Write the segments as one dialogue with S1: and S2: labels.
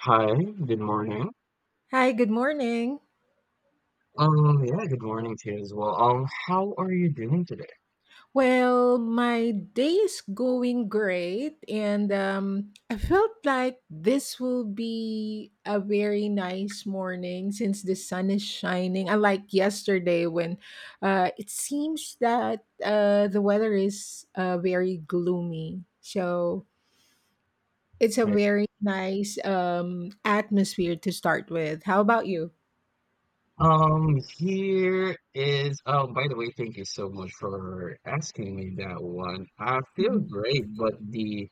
S1: Hi, good morning.
S2: Hi, good morning.
S1: Yeah, good morning to you as well. How are you doing today?
S2: Well, my day is going great, and I felt like this will be a very nice morning since the sun is shining. Unlike yesterday, when it seems that the weather is very gloomy. So it's a
S1: Like,
S2: very nice atmosphere to start with. How about you?
S1: here is, oh, by the way, thank you so much for asking me that one. I feel
S2: Mhm.
S1: great, but the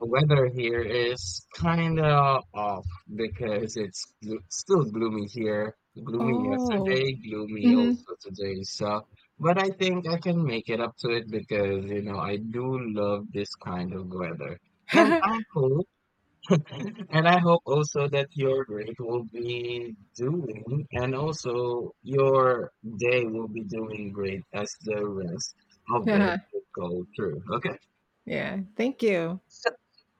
S1: weather here is kind of off because it's glo still gloomy here. Gloomy
S2: Oh,
S1: yesterday, gloomy
S2: hmm.
S1: also today. So, but I think I can make it up to it because, you know, I do love this kind of weather. And I hope And I hope also that your grade will be doing, and also your day will be doing great as the rest of it
S2: yeah,
S1: will go through. Okay.
S2: yeah. Thank you.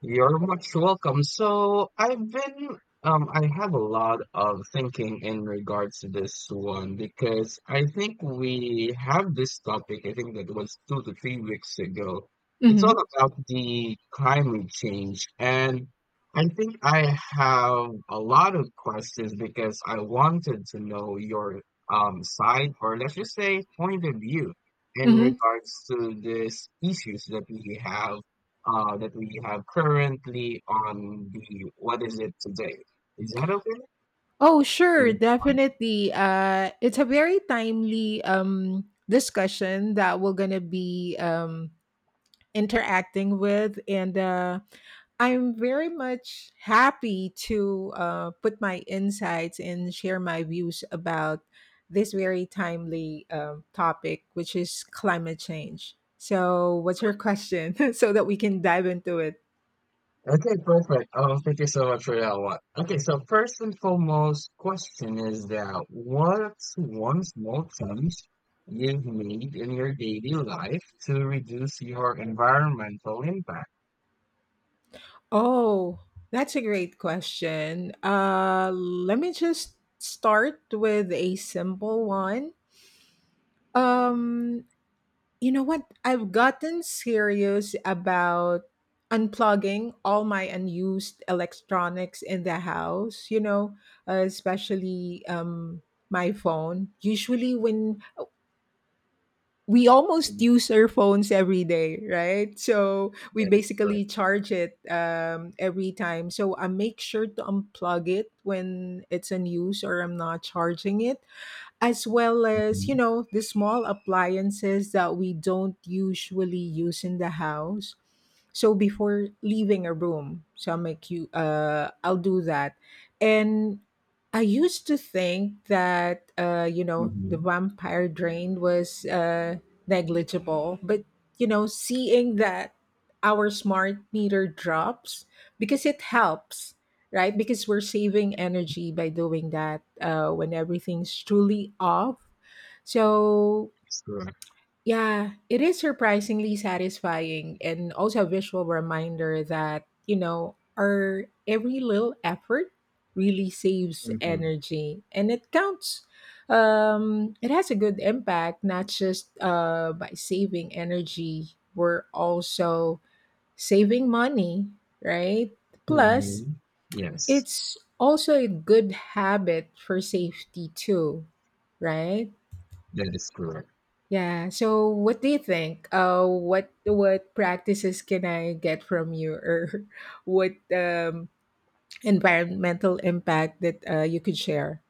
S1: You're much welcome. I have a lot of thinking in regards to this one because I think we have this topic. I think that was 2 to 3 weeks ago. It's all
S2: Mhm,
S1: about the climate change, and I think I have a lot of questions because I wanted to know your side, or let's just say point of view in
S2: mhm.
S1: regards to these issues that we have that we have currently on the what is it today? Is that okay?
S2: Oh,
S1: Or
S2: sure,
S1: would you
S2: definitely. It's a very timely discussion that we're gonna be interacting with, and I'm very much happy to put my insights and share my views about this very timely topic, which is climate change. So, what's your question, so that we can dive into it?
S1: mind? Okay, perfect. Oh, thank you so much for that one. Okay, so first and foremost, question is that what's one small change you've made in your daily life to reduce your environmental impact?
S2: Oh, that's a great question. Let me just start with a simple one. Um, you know what? I've gotten serious about unplugging all my unused electronics in the house, you know, especially my phone. Usually, when we almost
S1: Mhm.
S2: use our phones every day, right? So we
S1: That is
S2: basically
S1: correct.
S2: charge it every time. So I make sure to unplug it when it's in use or I'm not charging it, as well as, you
S1: Mm-hmm.
S2: know, the small appliances that we don't usually use in the house, so before leaving a room, so I'll make you I'll do that. And I used to think that you know,
S1: Mm-hmm.
S2: the
S1: That
S2: vampire drain was negligible, but you know, seeing that our smart meter drops, because it helps, right? Because we're saving energy by doing that when everything's truly off. So
S1: is correct.
S2: yeah, it is surprisingly satisfying and also a visual reminder that, you know, our every little effort really saves
S1: Mm-hmm.
S2: energy and it counts. It has a good impact, not just by saving energy, we're also saving money, right? Plus,
S1: Mm-hmm. Yes,
S2: it's also a good habit for safety too, right?
S1: that is correct.
S2: Yeah. So, what do you think? What practices can I get from you, or what environmental impact that you could share?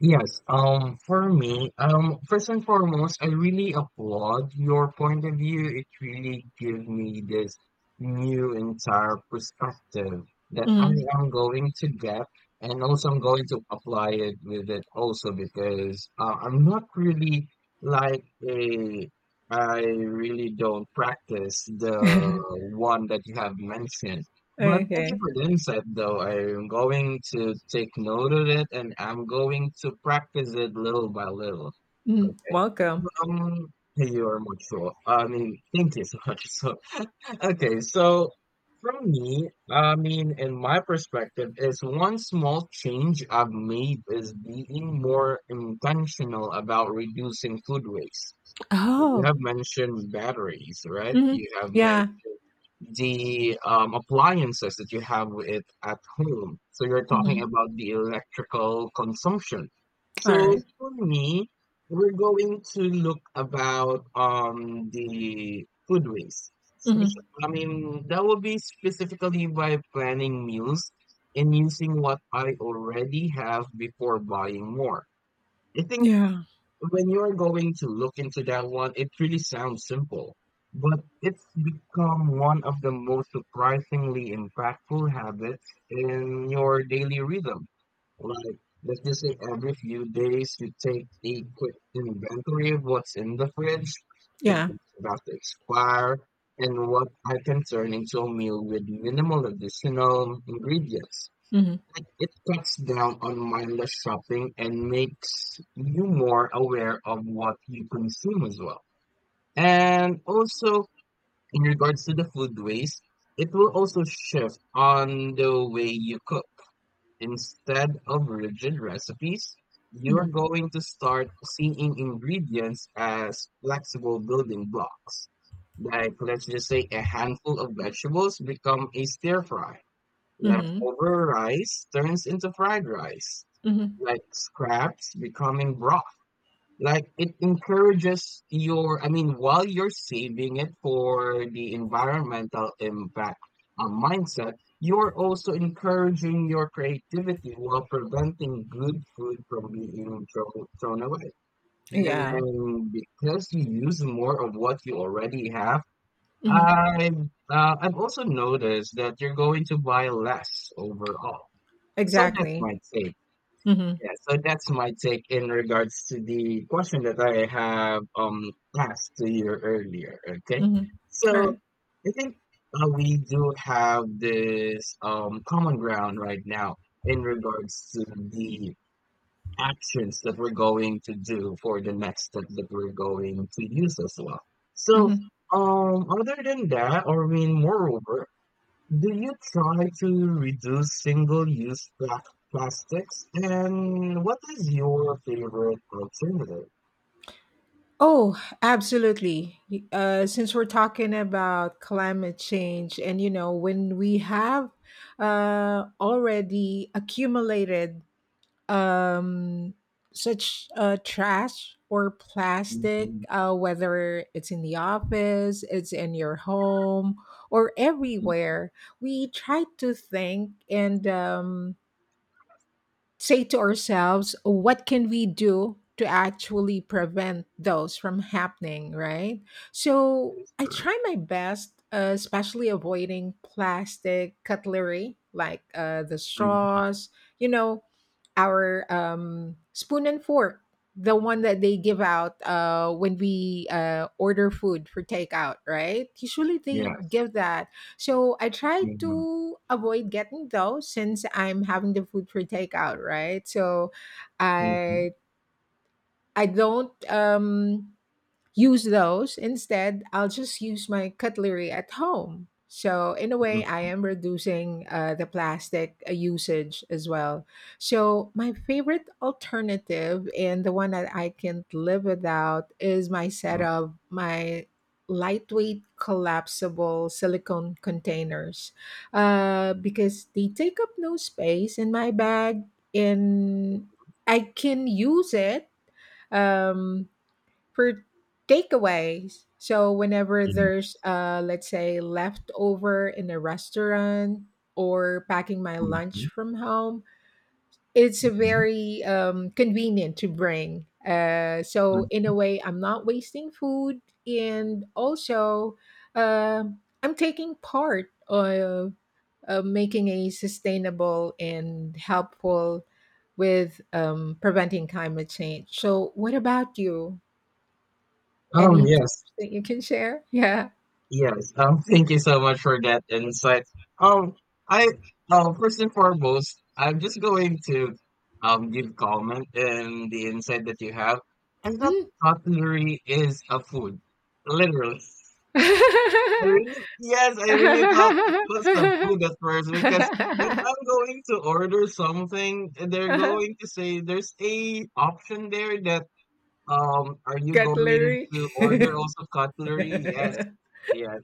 S1: Yes, for me, first and foremost, I really applaud your point of view. It really gave me this new entire perspective that I
S2: Mm.
S1: am going to get, and also I'm going to apply it with it also because I'm not really like a, I really don't practice the
S2: Okay.
S1: one that you have mentioned. But thank you for the insight, though. I'm going to take note of it and I'm going to practice it little by little.
S2: Mm.
S1: Okay.
S2: Welcome.
S1: Um, you are much so. I mean, thank you so much. So, okay. So, from me, I mean, in my perspective, is one small change I've made is being more intentional about reducing food waste. You
S2: Oh.
S1: have mentioned batteries, right?
S2: Hmm.
S1: You have mentioned
S2: Yeah.
S1: the appliances that you have it at home. So you're talking
S2: Hmm.
S1: about the electrical consumption.
S2: All
S1: So
S2: right.
S1: for me, we're going to look about the food waste. Spec-
S2: Mm-hmm.
S1: I mean, that will be specifically by planning meals and using what I already have before buying more. I think
S2: Yeah.
S1: when you're going to look into that one, it really sounds simple, but it's become one of the most surprisingly impactful habits in your daily rhythm. Like, let's just say every few days you take a quick inventory of what's in the fridge, like
S2: Yeah.
S1: what's about to expire, and what I can turn into a meal with minimal additional ingredients.
S2: Mm-hmm.
S1: Like it cuts down on mindless shopping and makes you more aware of what you consume as well. And also, in regards to the food waste, it will also shift on the way you cook. Instead of rigid recipes, you're
S2: Mm-hmm.
S1: going to start seeing ingredients as flexible building blocks. Like, let's just say a handful of vegetables become a stir fry. Leftover rice turns into fried rice,
S2: Mm-hmm.
S1: like scraps becoming broth. Like it encourages your, I mean, while you're saving it for the environmental impact mindset, you're also encouraging your creativity while preventing good food from being thrown away.
S2: Yeah.
S1: And because you use more of what you already have,
S2: Mm-hmm.
S1: I've also noticed that you're going to buy less overall. So that's
S2: Exactly.
S1: my take.
S2: Mm-hmm.
S1: Yeah, so that's my take in regards to the question that I have asked to you earlier. Okay,
S2: Mm-hmm.
S1: so
S2: All
S1: I think we do have this common ground right now in regards to the actions that we're going to do for the next step that we're going to use as well. So
S2: right.
S1: other than that, or I mean, moreover, do you try to reduce plastics? And what is your favorite alternative?
S2: Oh, absolutely. Since we're talking about climate change, and you know, when we have already accumulated um, such trash or plastic,
S1: Mhm,
S2: whether it's in the office, it's in your home, or
S1: mhm,
S2: everywhere, we try to think and say to ourselves, what can we do to actually prevent those from happening, right? So
S1: yes,
S2: I
S1: correct.
S2: try my best, especially avoiding plastic cutlery like the
S1: Mhm,
S2: straws, you know, our spoon and fork, the one that they give out when we order food for takeout, right? Usually they
S1: yes.
S2: give that, so I try
S1: Mhm,
S2: to avoid getting those since I'm having the food for takeout, right? So
S1: mhm,
S2: I I don't use those. Instead, I'll just use my cutlery at home. So, in a way, I
S1: mhm,
S2: am reducing the plastic usage as well. So, my favorite alternative and the one that I can't live without is my set
S1: mhm,
S2: of my lightweight collapsible silicone containers, because they take up no space in my bag, and I can use it. Um, for takeaways. So whenever there's
S1: yes.
S2: let's say leftover in a restaurant or packing my lunch
S1: Mhm,
S2: from home, it's a
S1: mhm,
S2: very convenient to bring. So in a
S1: mhm.
S2: way, I'm not wasting food, and also uh, I'm taking part of making a sustainable and helpful with preventing climate change. So, what about you? Any
S1: Yes.
S2: tips that you can share? Yeah.
S1: Yes, thank you so much for that insight. Um, I first and foremost, I'm just going to give comment in the insight that you have. I thought
S2: Mm.
S1: cutlery is a food, literally. I really, yes, I really thought it was a food at first because when I'm going to order something, they're going to say there's a option there that are you going
S2: Cutlery.
S1: to order also cutlery? Yes. Yeah,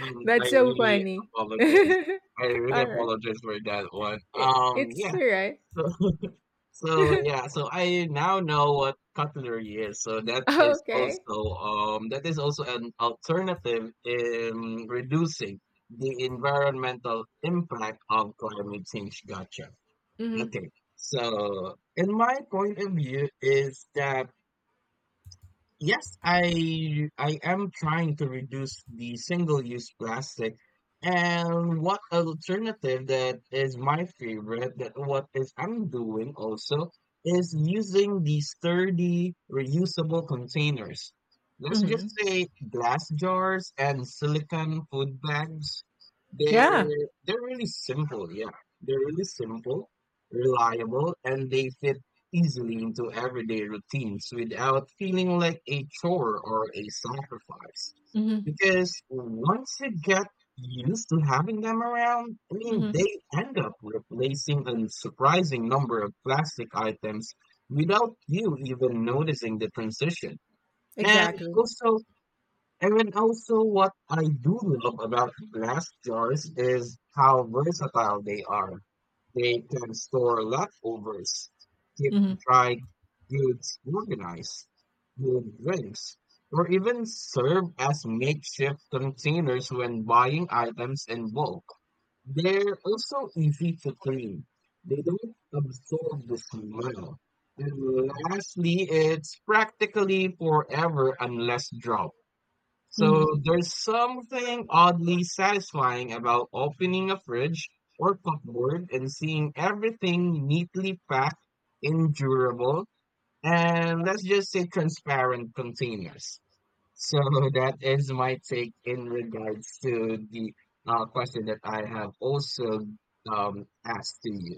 S1: I
S2: That's so
S1: really
S2: funny.
S1: apologize. I really
S2: All right.
S1: apologize for that one.
S2: It, it's
S1: Yeah.
S2: all right.
S1: So, so yeah. So I now know what cutlery is. So
S2: Okay.
S1: that is also an alternative in reducing the environmental impact of climate change. Gotcha.
S2: Mm-hmm.
S1: Okay. So, in my point of view, is that yes, I am trying to reduce the single-use plastic. And what alternative that is my favorite that what is I'm doing also is using the sturdy reusable containers. Let's
S2: Mm-hmm.
S1: just say glass jars and silicone food bags. They're
S2: Yeah.
S1: they're really simple, yeah. They're really simple, reliable, and they fit easily into everyday routines without feeling like a chore or a sacrifice.
S2: Mm-hmm.
S1: Because once you get used to having them around, I mean,
S2: Mm-hmm.
S1: they end up replacing a surprising number of plastic items without you even noticing the transition. And
S2: Exactly.
S1: also, and then also, what I do love about glass jars is how versatile they are. They can store leftovers, keep
S2: Mm-hmm.
S1: dry goods organized, good drinks, or even serve as makeshift containers when buying items in bulk. They're also easy to clean. They don't absorb the smell. And lastly, it's practically forever unless dropped. So
S2: Mm-hmm.
S1: there's something oddly satisfying about opening a fridge or cupboard and seeing everything neatly packed in durable and let's just say transparent containers. So that is my take in regards to the question that I have also asked to you.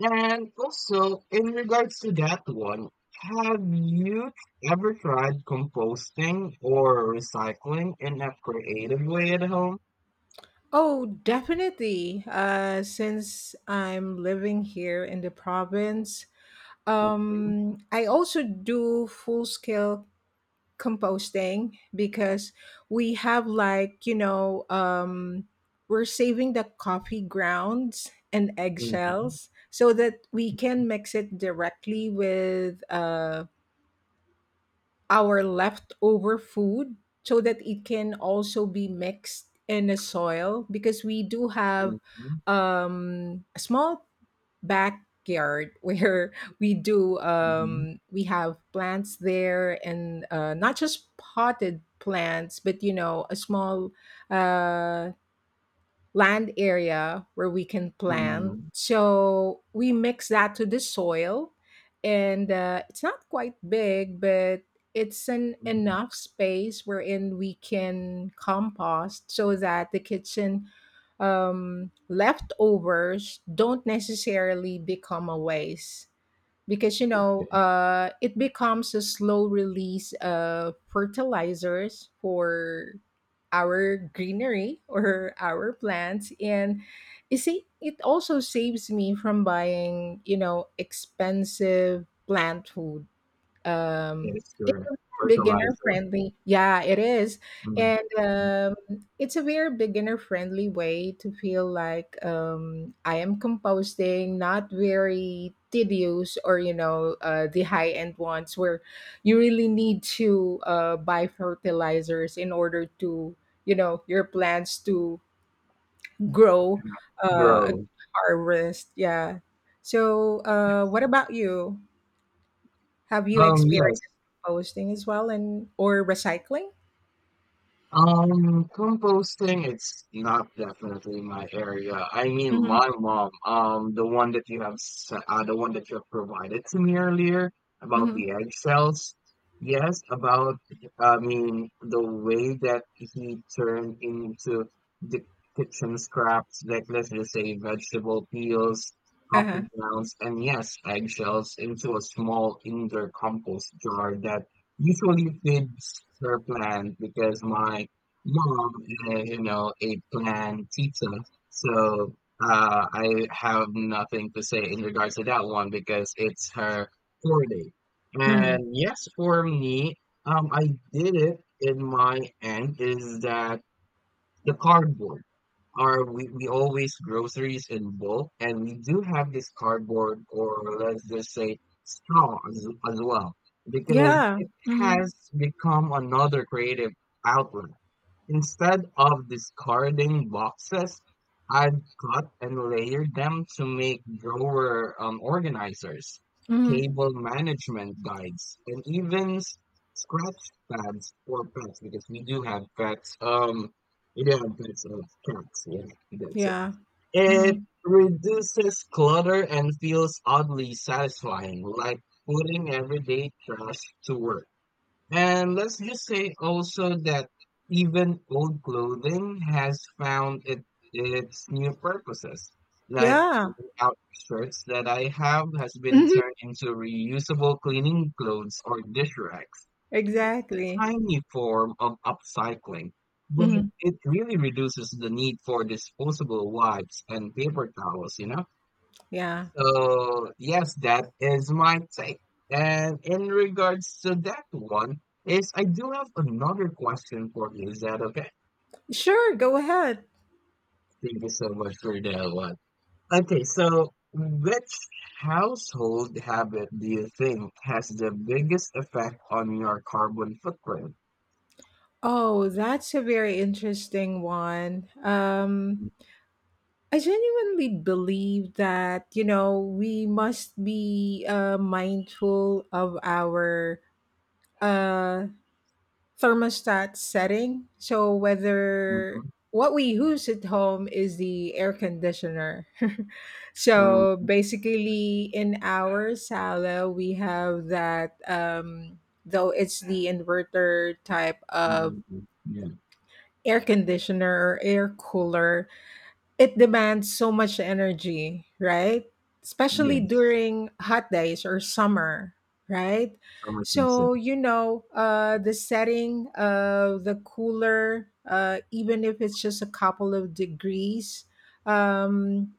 S1: And also, in regards to that one, have you ever tried composting or recycling in a creative way at home?
S2: Oh, definitely. Since I'm living here in the province,
S1: Mhm,
S2: I also do full scale composting, because we have like, you know, we're saving the coffee grounds and
S1: mhm,
S2: eggshells so that we can mix it directly with our leftover food, so that it can also be mixed in the soil, because we do have
S1: mhm,
S2: a small backyard where we do
S1: mhm,
S2: we have plants there, and not just potted plants, but you know, a small uh land area where we can plant.
S1: mhm,
S2: So we mix that to the soil, and it's not quite big, but it's an
S1: mhm.
S2: enough space wherein we can compost, so that the kitchen leftovers don't necessarily become a waste, because you know,
S1: Yeah,
S2: it becomes a slow release of fertilizers for our greenery or our plants, and you see it also saves me from buying, you know, expensive plant food. um,
S1: yes,
S2: it's
S1: correct.
S2: a very beginner
S1: Fertilizer.
S2: friendly. Yeah, it is.
S1: Mm,
S2: And
S1: mm.
S2: it's a very beginner friendly way to feel like I am composting, not very tedious, or, you know, the high end ones where you really need to buy fertilizers in order to, you know, your plants to grow a good
S1: Grow.
S2: harvest. Yeah. So, what about you? Have you experienced
S1: Yes.
S2: composting as well, and or recycling?
S1: Composting, it's not definitely my area. I mean,
S2: Hmm.
S1: my mom, the one that you have provided to me earlier about
S2: Hmm.
S1: the egg cells. Yes, about, I mean, the way that he turned into the kitchen scraps, like let's just say vegetable peels, coffee
S2: Uh-huh.
S1: grounds, and yes, eggshells into a small indoor compost jar that usually kids her plan because my mom, eh, you know, a plan pizza. So I have nothing to say in regards to that one because it's her core day.
S2: Hmm.
S1: And yes, for me, I did it in my end is that the cardboard we always groceries in bulk and we do have this cardboard, or let's just say as well, because
S2: Yeah.
S1: it
S2: Hmm.
S1: has become another creative outlet. Instead of discarding boxes, I've cut and layered them to make drawer organizers,
S2: Hmm.
S1: table management guides, and even scratch pads for pets because we do have pets. We do have pets of cats. Yeah, that's it.
S2: Yeah.
S1: It
S2: Hmm.
S1: reduces clutter and feels oddly satisfying, like putting everyday trash to work. And let's just say also that even old clothing has its new purposes. Like
S2: Yeah.
S1: worn out shirts that I have has been
S2: Hmm.
S1: turned into reusable cleaning clothes or dish racks. It's a
S2: Exactly.
S1: tiny form of upcycling, but
S2: Hmm.
S1: it really reduces the need for disposable wipes and paper towels, you know?
S2: Yeah.
S1: So, yes, that is my take. And in regards to that one, is I do have another question for you. Is that okay?
S2: Sure, go ahead.
S1: Thank you so much for that one. Okay, so which household habit do you think has the biggest effect on your carbon footprint?
S2: Oh, that's a very interesting one. I genuinely believe that, you know, we must be mindful of our uh, thermostat setting. So whether
S1: Mhm,
S2: what we use at home is the air conditioner. So
S1: mhm,
S2: basically, in our sala, we have that. Though it's the inverter type of
S1: mhm, yeah,
S2: air conditioner or air cooler, it demands so much energy, right? Especially
S1: yes.
S2: during hot days or summer, right?
S1: Summer season.
S2: So, you know, the setting of the cooler, even if it's just a couple of degrees, um,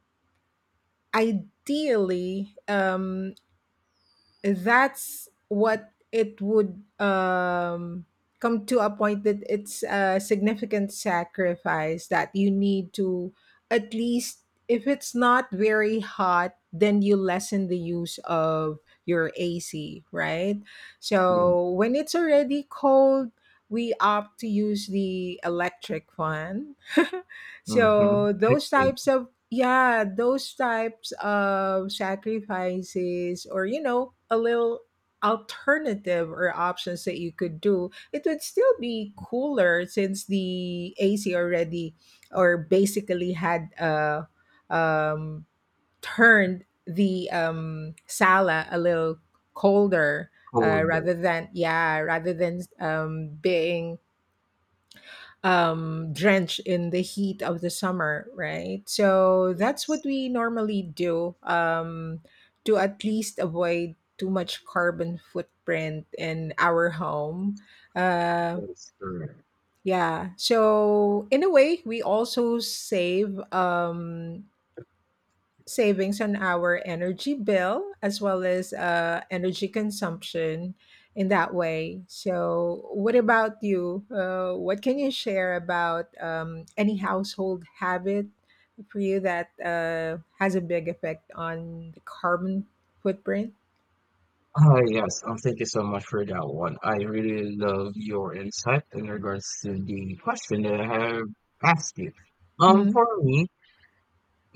S2: ideally, that's what it would come to a point that it's a significant sacrifice that you need to, at least, if it's not very hot, then you lessen the use of your AC, right?
S1: Yeah.
S2: So when it's already cold, we opt to use the electric fan.
S1: Mm-hmm.
S2: So those
S1: Okay.
S2: types of, yeah, those types of sacrifices, or you know, a little alternative or options that you could do, it would still be cooler since the AC already, or basically had um turned the sala a little colder,
S1: Colder.
S2: rather than, yeah, rather than being drenched in the heat of the summer, right? So that's what
S1: Yes.
S2: we normally do, to at least avoid too much carbon footprint in our home. uh
S1: That is correct.
S2: yeah, so in a way we also save savings on our energy bill, as well as energy consumption in that way. So, what about you? What can you share about any household habit for you that has a big effect on the carbon footprint?
S1: Ah, yes. Thank you so much for that one. I really love your insight in regards to the question that I have asked you.
S2: Mm-hmm.
S1: For me,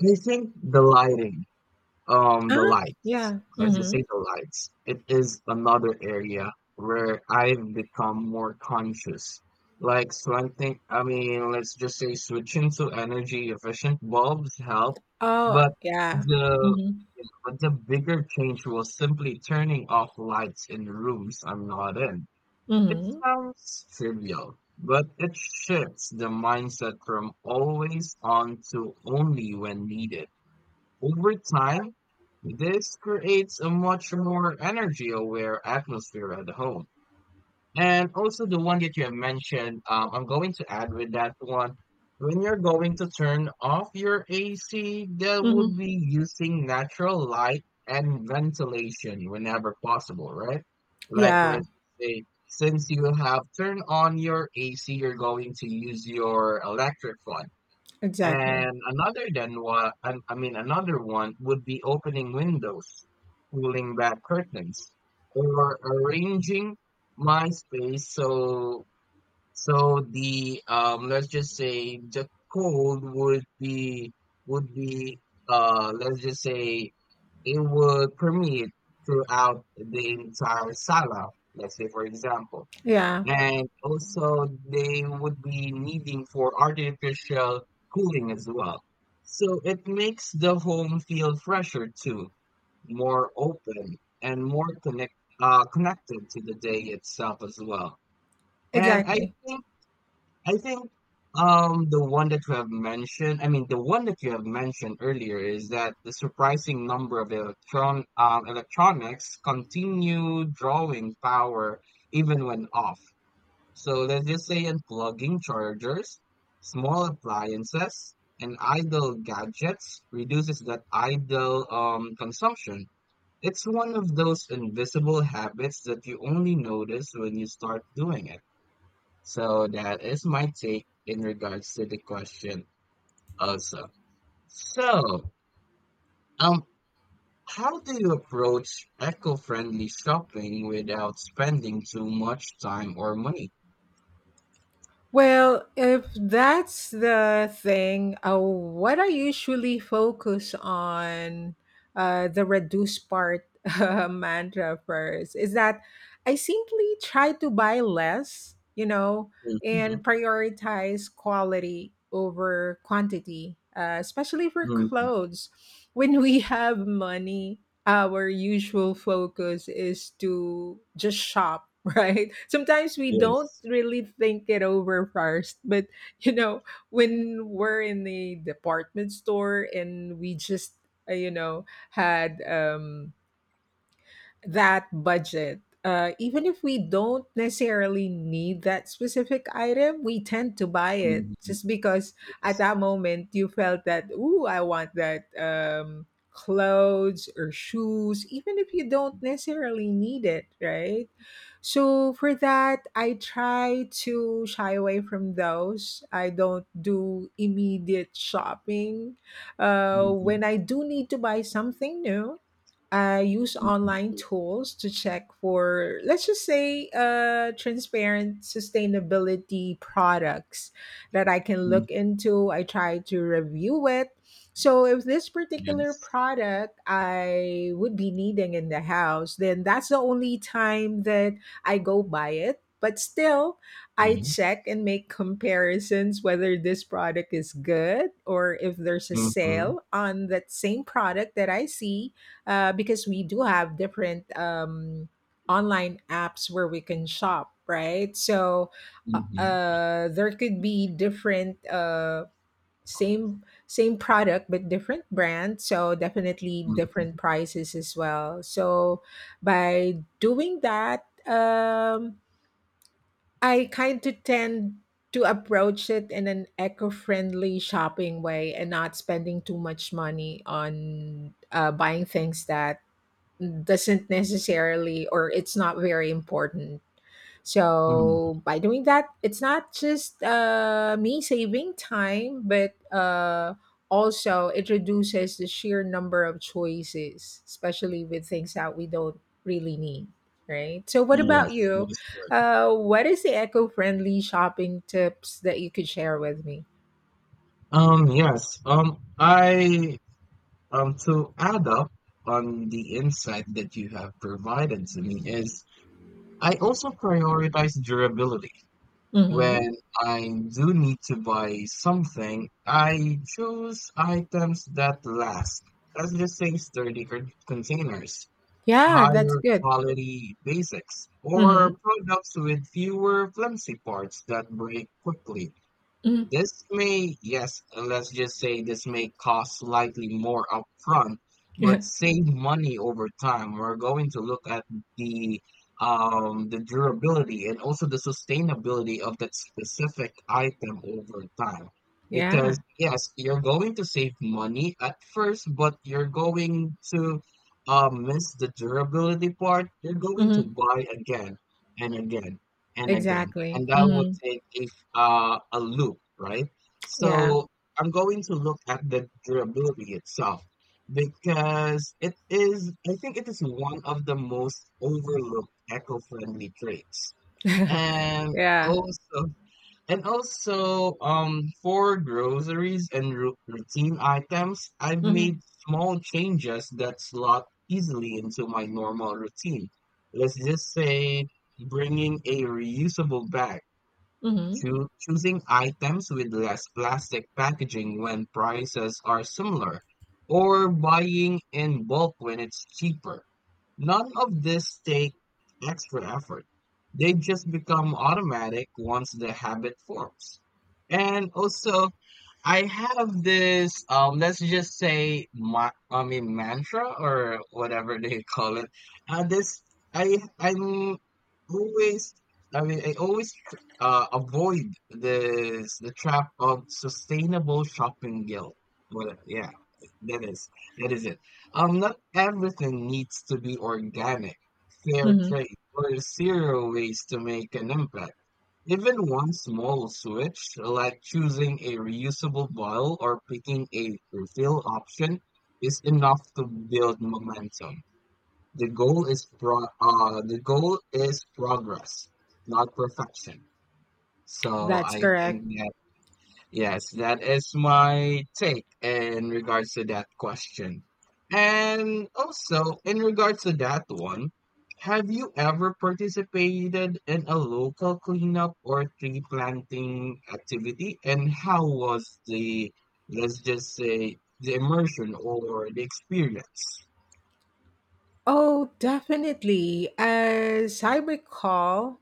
S1: I think the lighting. The
S2: Uh,
S1: lights.
S2: yeah.
S1: Let's just
S2: Mm-hmm.
S1: say the lights. It is another area where I've become more conscious. Like, so I think, I mean, let's just say switching to energy efficient bulbs help,
S2: Oh,
S1: but
S2: yeah.
S1: the
S2: Mm-hmm.
S1: the bigger change was simply turning off lights in rooms I'm not in. It
S2: Mm-hmm.
S1: sounds trivial, but it shifts the mindset from always on to only when needed. Over time, this creates a much more energy aware atmosphere at the home. And also the one that you have mentioned, I'm going to add with that one. When you're going to turn off your AC, that would
S2: Mm-hmm.
S1: be using natural light and ventilation whenever possible, right? Like
S2: Yeah,
S1: let's say, since you have turned on your AC, you're going to use your electric one.
S2: exactly.
S1: And another then what I mean another one would be opening windows, pulling back curtains, or arranging my space so the let's just say the cold would be let's just say it would permeate throughout the entire sala, let's say for example.
S2: Yeah,
S1: And also they would be needing for artificial cooling as well. So it makes the home feel fresher too, more open and more connected to the day itself as well. And I
S2: exactly.
S1: think I think um the one that you have mentioned, I mean the one that you have mentioned earlier is that the surprising number of electronics continue drawing power even when off, so let's just say unplugging chargers, small appliances, and idle gadgets reduces that idle consumption. It's one of those invisible habits that you only notice when you start doing it. So that is my take in regards to the question also. So, um, how do you approach eco-friendly shopping without spending too much time or money?
S2: Well, if that's the thing, what I usually focus on, the reduce part mantra first, is that I simply try to buy less, you know,
S1: Mhm.
S2: and prioritize quality over quantity, especially for
S1: Mhm.
S2: clothes. When we have money, our usual focus is to just shop, right? Sometimes we don't
S1: Yes.
S2: really think it over first, but you know, when we're in the department store and we just, you know, had that budget. Even if we don't necessarily need that specific item, we tend to buy it
S1: Mhm.
S2: just because at
S1: Yes.
S2: that moment you felt that, ooh, I want that clothes or shoes, even if you don't
S1: Mm.
S2: necessarily need it, right? So for that, I try to shy away from those. I don't do immediate shopping.
S1: Mhm.
S2: When I do need to buy something new, I use online
S1: Mhm.
S2: tools to check for, let's just say, transparent sustainability products that I can
S1: Mm.
S2: look into. I try to review it. So, if this particular
S1: Yes.
S2: product I would be needing in the house, then that's the only time that I go buy it. But still, I
S1: Yes.
S2: check and make comparisons whether this product is good, or if there's a
S1: Mhm.
S2: sale on that same product that I see, because we do have different online apps where we can shop, right? So
S1: Mhm.
S2: there could be different same product but different brand, so definitely different
S1: Mhm.
S2: prices as well. So by doing that, I kind of tend to approach it in an eco-friendly shopping way, and not spending too much money on buying things that doesn't necessarily, or it's not very important.
S1: Um.
S2: So by doing that, it's not just me saving time, but also it reduces the sheer number of choices, especially with things that we don't really need. Right. So, what about
S1: Yes,
S2: you?
S1: that is correct.
S2: What is the eco-friendly shopping tips that you could share with me?
S1: Yes. I to add up on the insight that you have provided to me is I also prioritize durability.
S2: Mm-hmm.
S1: When I do need to buy something, I choose items that last. Let's just say sturdy containers,
S2: Yeah, that's
S1: higher
S2: good.
S1: quality basics
S2: Mm-hmm.
S1: or products with fewer flimsy parts that break quickly.
S2: Hmm.
S1: This may, yes, and let's just say this may cost slightly more upfront,
S2: Yeah.
S1: but save money over time. We're going to look at the the durability and also the sustainability of that specific item over time. Because
S2: Yeah.
S1: yes, you're going to save money at first, but you're going to miss the durability part. You're going to
S2: Mm-hmm.
S1: buy again and again and again.
S2: Exactly.
S1: And that would
S2: Mm-hmm.
S1: take a loop, right?
S2: Yeah.
S1: So I'm going to look at the durability itself because it is, I think it is one of the most overlooked eco-friendly traits. And
S2: Yeah.
S1: also, for groceries and routine items, I've
S2: Hmm.
S1: made small changes that slot easily into my normal routine. Let's just say bringing a reusable bag,
S2: Hmm.
S1: choosing items with less plastic packaging when prices are similar, or buying in bulk when it's cheaper. None of this take extra effort. They just become automatic once the habit forms. And also, I have this let's just say mantra or whatever they call it. This I I'm always I mean I always avoid this the trap of sustainable shopping guilt. Well, yeah, that is it. Not everything needs to be organic, fair
S2: Hmm.
S1: trade, or zero ways to make an impact. Even one small switch, like choosing a reusable bottle or picking a refill option, is enough to build momentum. The goal is progress, not perfection. So
S2: That's
S1: I
S2: correct.
S1: think. Yes, that is my take in regards to that question. And also, in regards to that one, have you ever participated in a local cleanup or tree planting activity? And how was the, let's just say, the immersion or the experience?
S2: Oh, definitely. As I recall,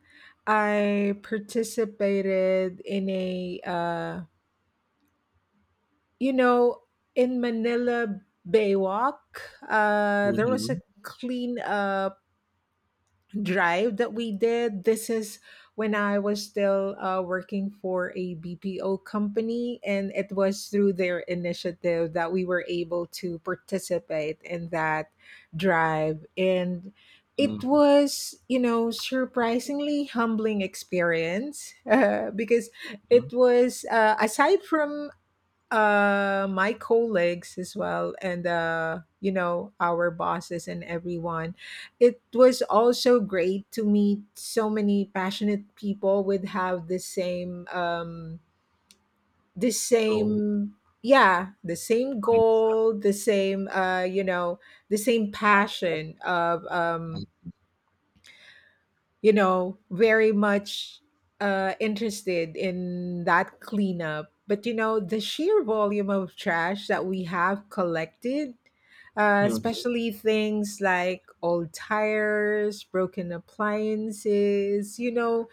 S2: I participated in a, you know, in Manila Bay Walk. There was a
S1: Mm-hmm.
S2: cleanup drive that we did. This is when I was still working for a BPO company, and it was through their initiative that we were able to participate in that drive. And it
S1: Mm-hmm.
S2: was, you know, surprisingly humbling experience, because it was aside from my colleagues, as well, and you know, our bosses and everyone, it was also great to meet so many passionate people with have the same the
S1: So,
S2: same yeah, the same
S1: mindset.
S2: goal, the same you know, the same passion of
S1: Like.
S2: you know, very much interested in that cleanup. But you know, the sheer volume of trash that we have collected,
S1: Mm-hmm.
S2: especially things like old tires, broken appliances, you know,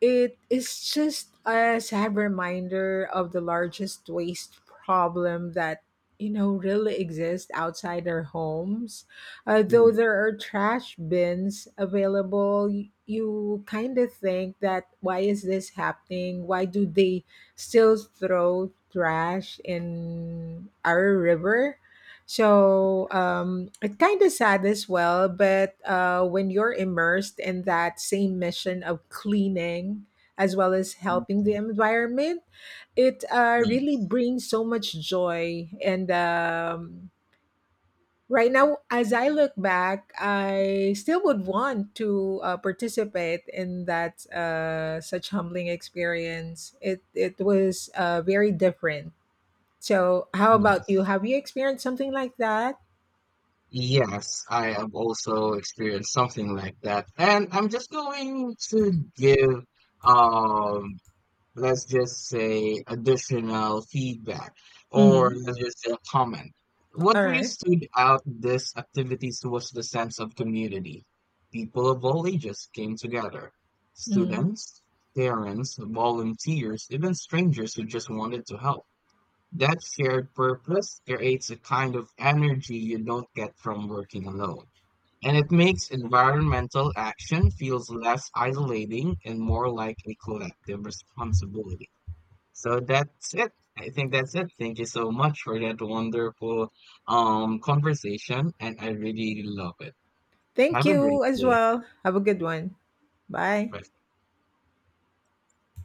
S2: it is just a sad reminder of the largest waste problem that, you know, really exists outside our homes. Though there are trash bins available, y- you kind of think that why is this happening? Why do they still throw trash in our river? So
S1: Yes.
S2: it's kind of sad as well. But when you're immersed in that same mission of cleaning, as well as helping the
S1: Mm-hmm.
S2: environment, it really
S1: Yes.
S2: brings so much joy and right now, as I look back, I still would want to participate in that such humbling experience. It was very different. So, how about you?
S1: Yes.
S2: Have you experienced something like that?
S1: Yes, I have also experienced something like that. And I'm just going to give, um, let's just say additional feedback or
S2: Mhm.
S1: let's just say a comment. What
S2: All
S1: really
S2: right.
S1: stood out this activities was the sense of community. People of all ages came together.
S2: Mhm.
S1: Students, parents, volunteers, even strangers who just wanted to help. That shared purpose creates a kind of energy you don't get from working alone. And it makes environmental action feels less isolating and more like a collective responsibility. So that's it. I think that's it. Thank you so much for that wonderful conversation and I really love it.
S2: Thank
S1: Have a
S2: you
S1: great
S2: as
S1: day.
S2: well. Have a good one. Bye.
S1: Bye.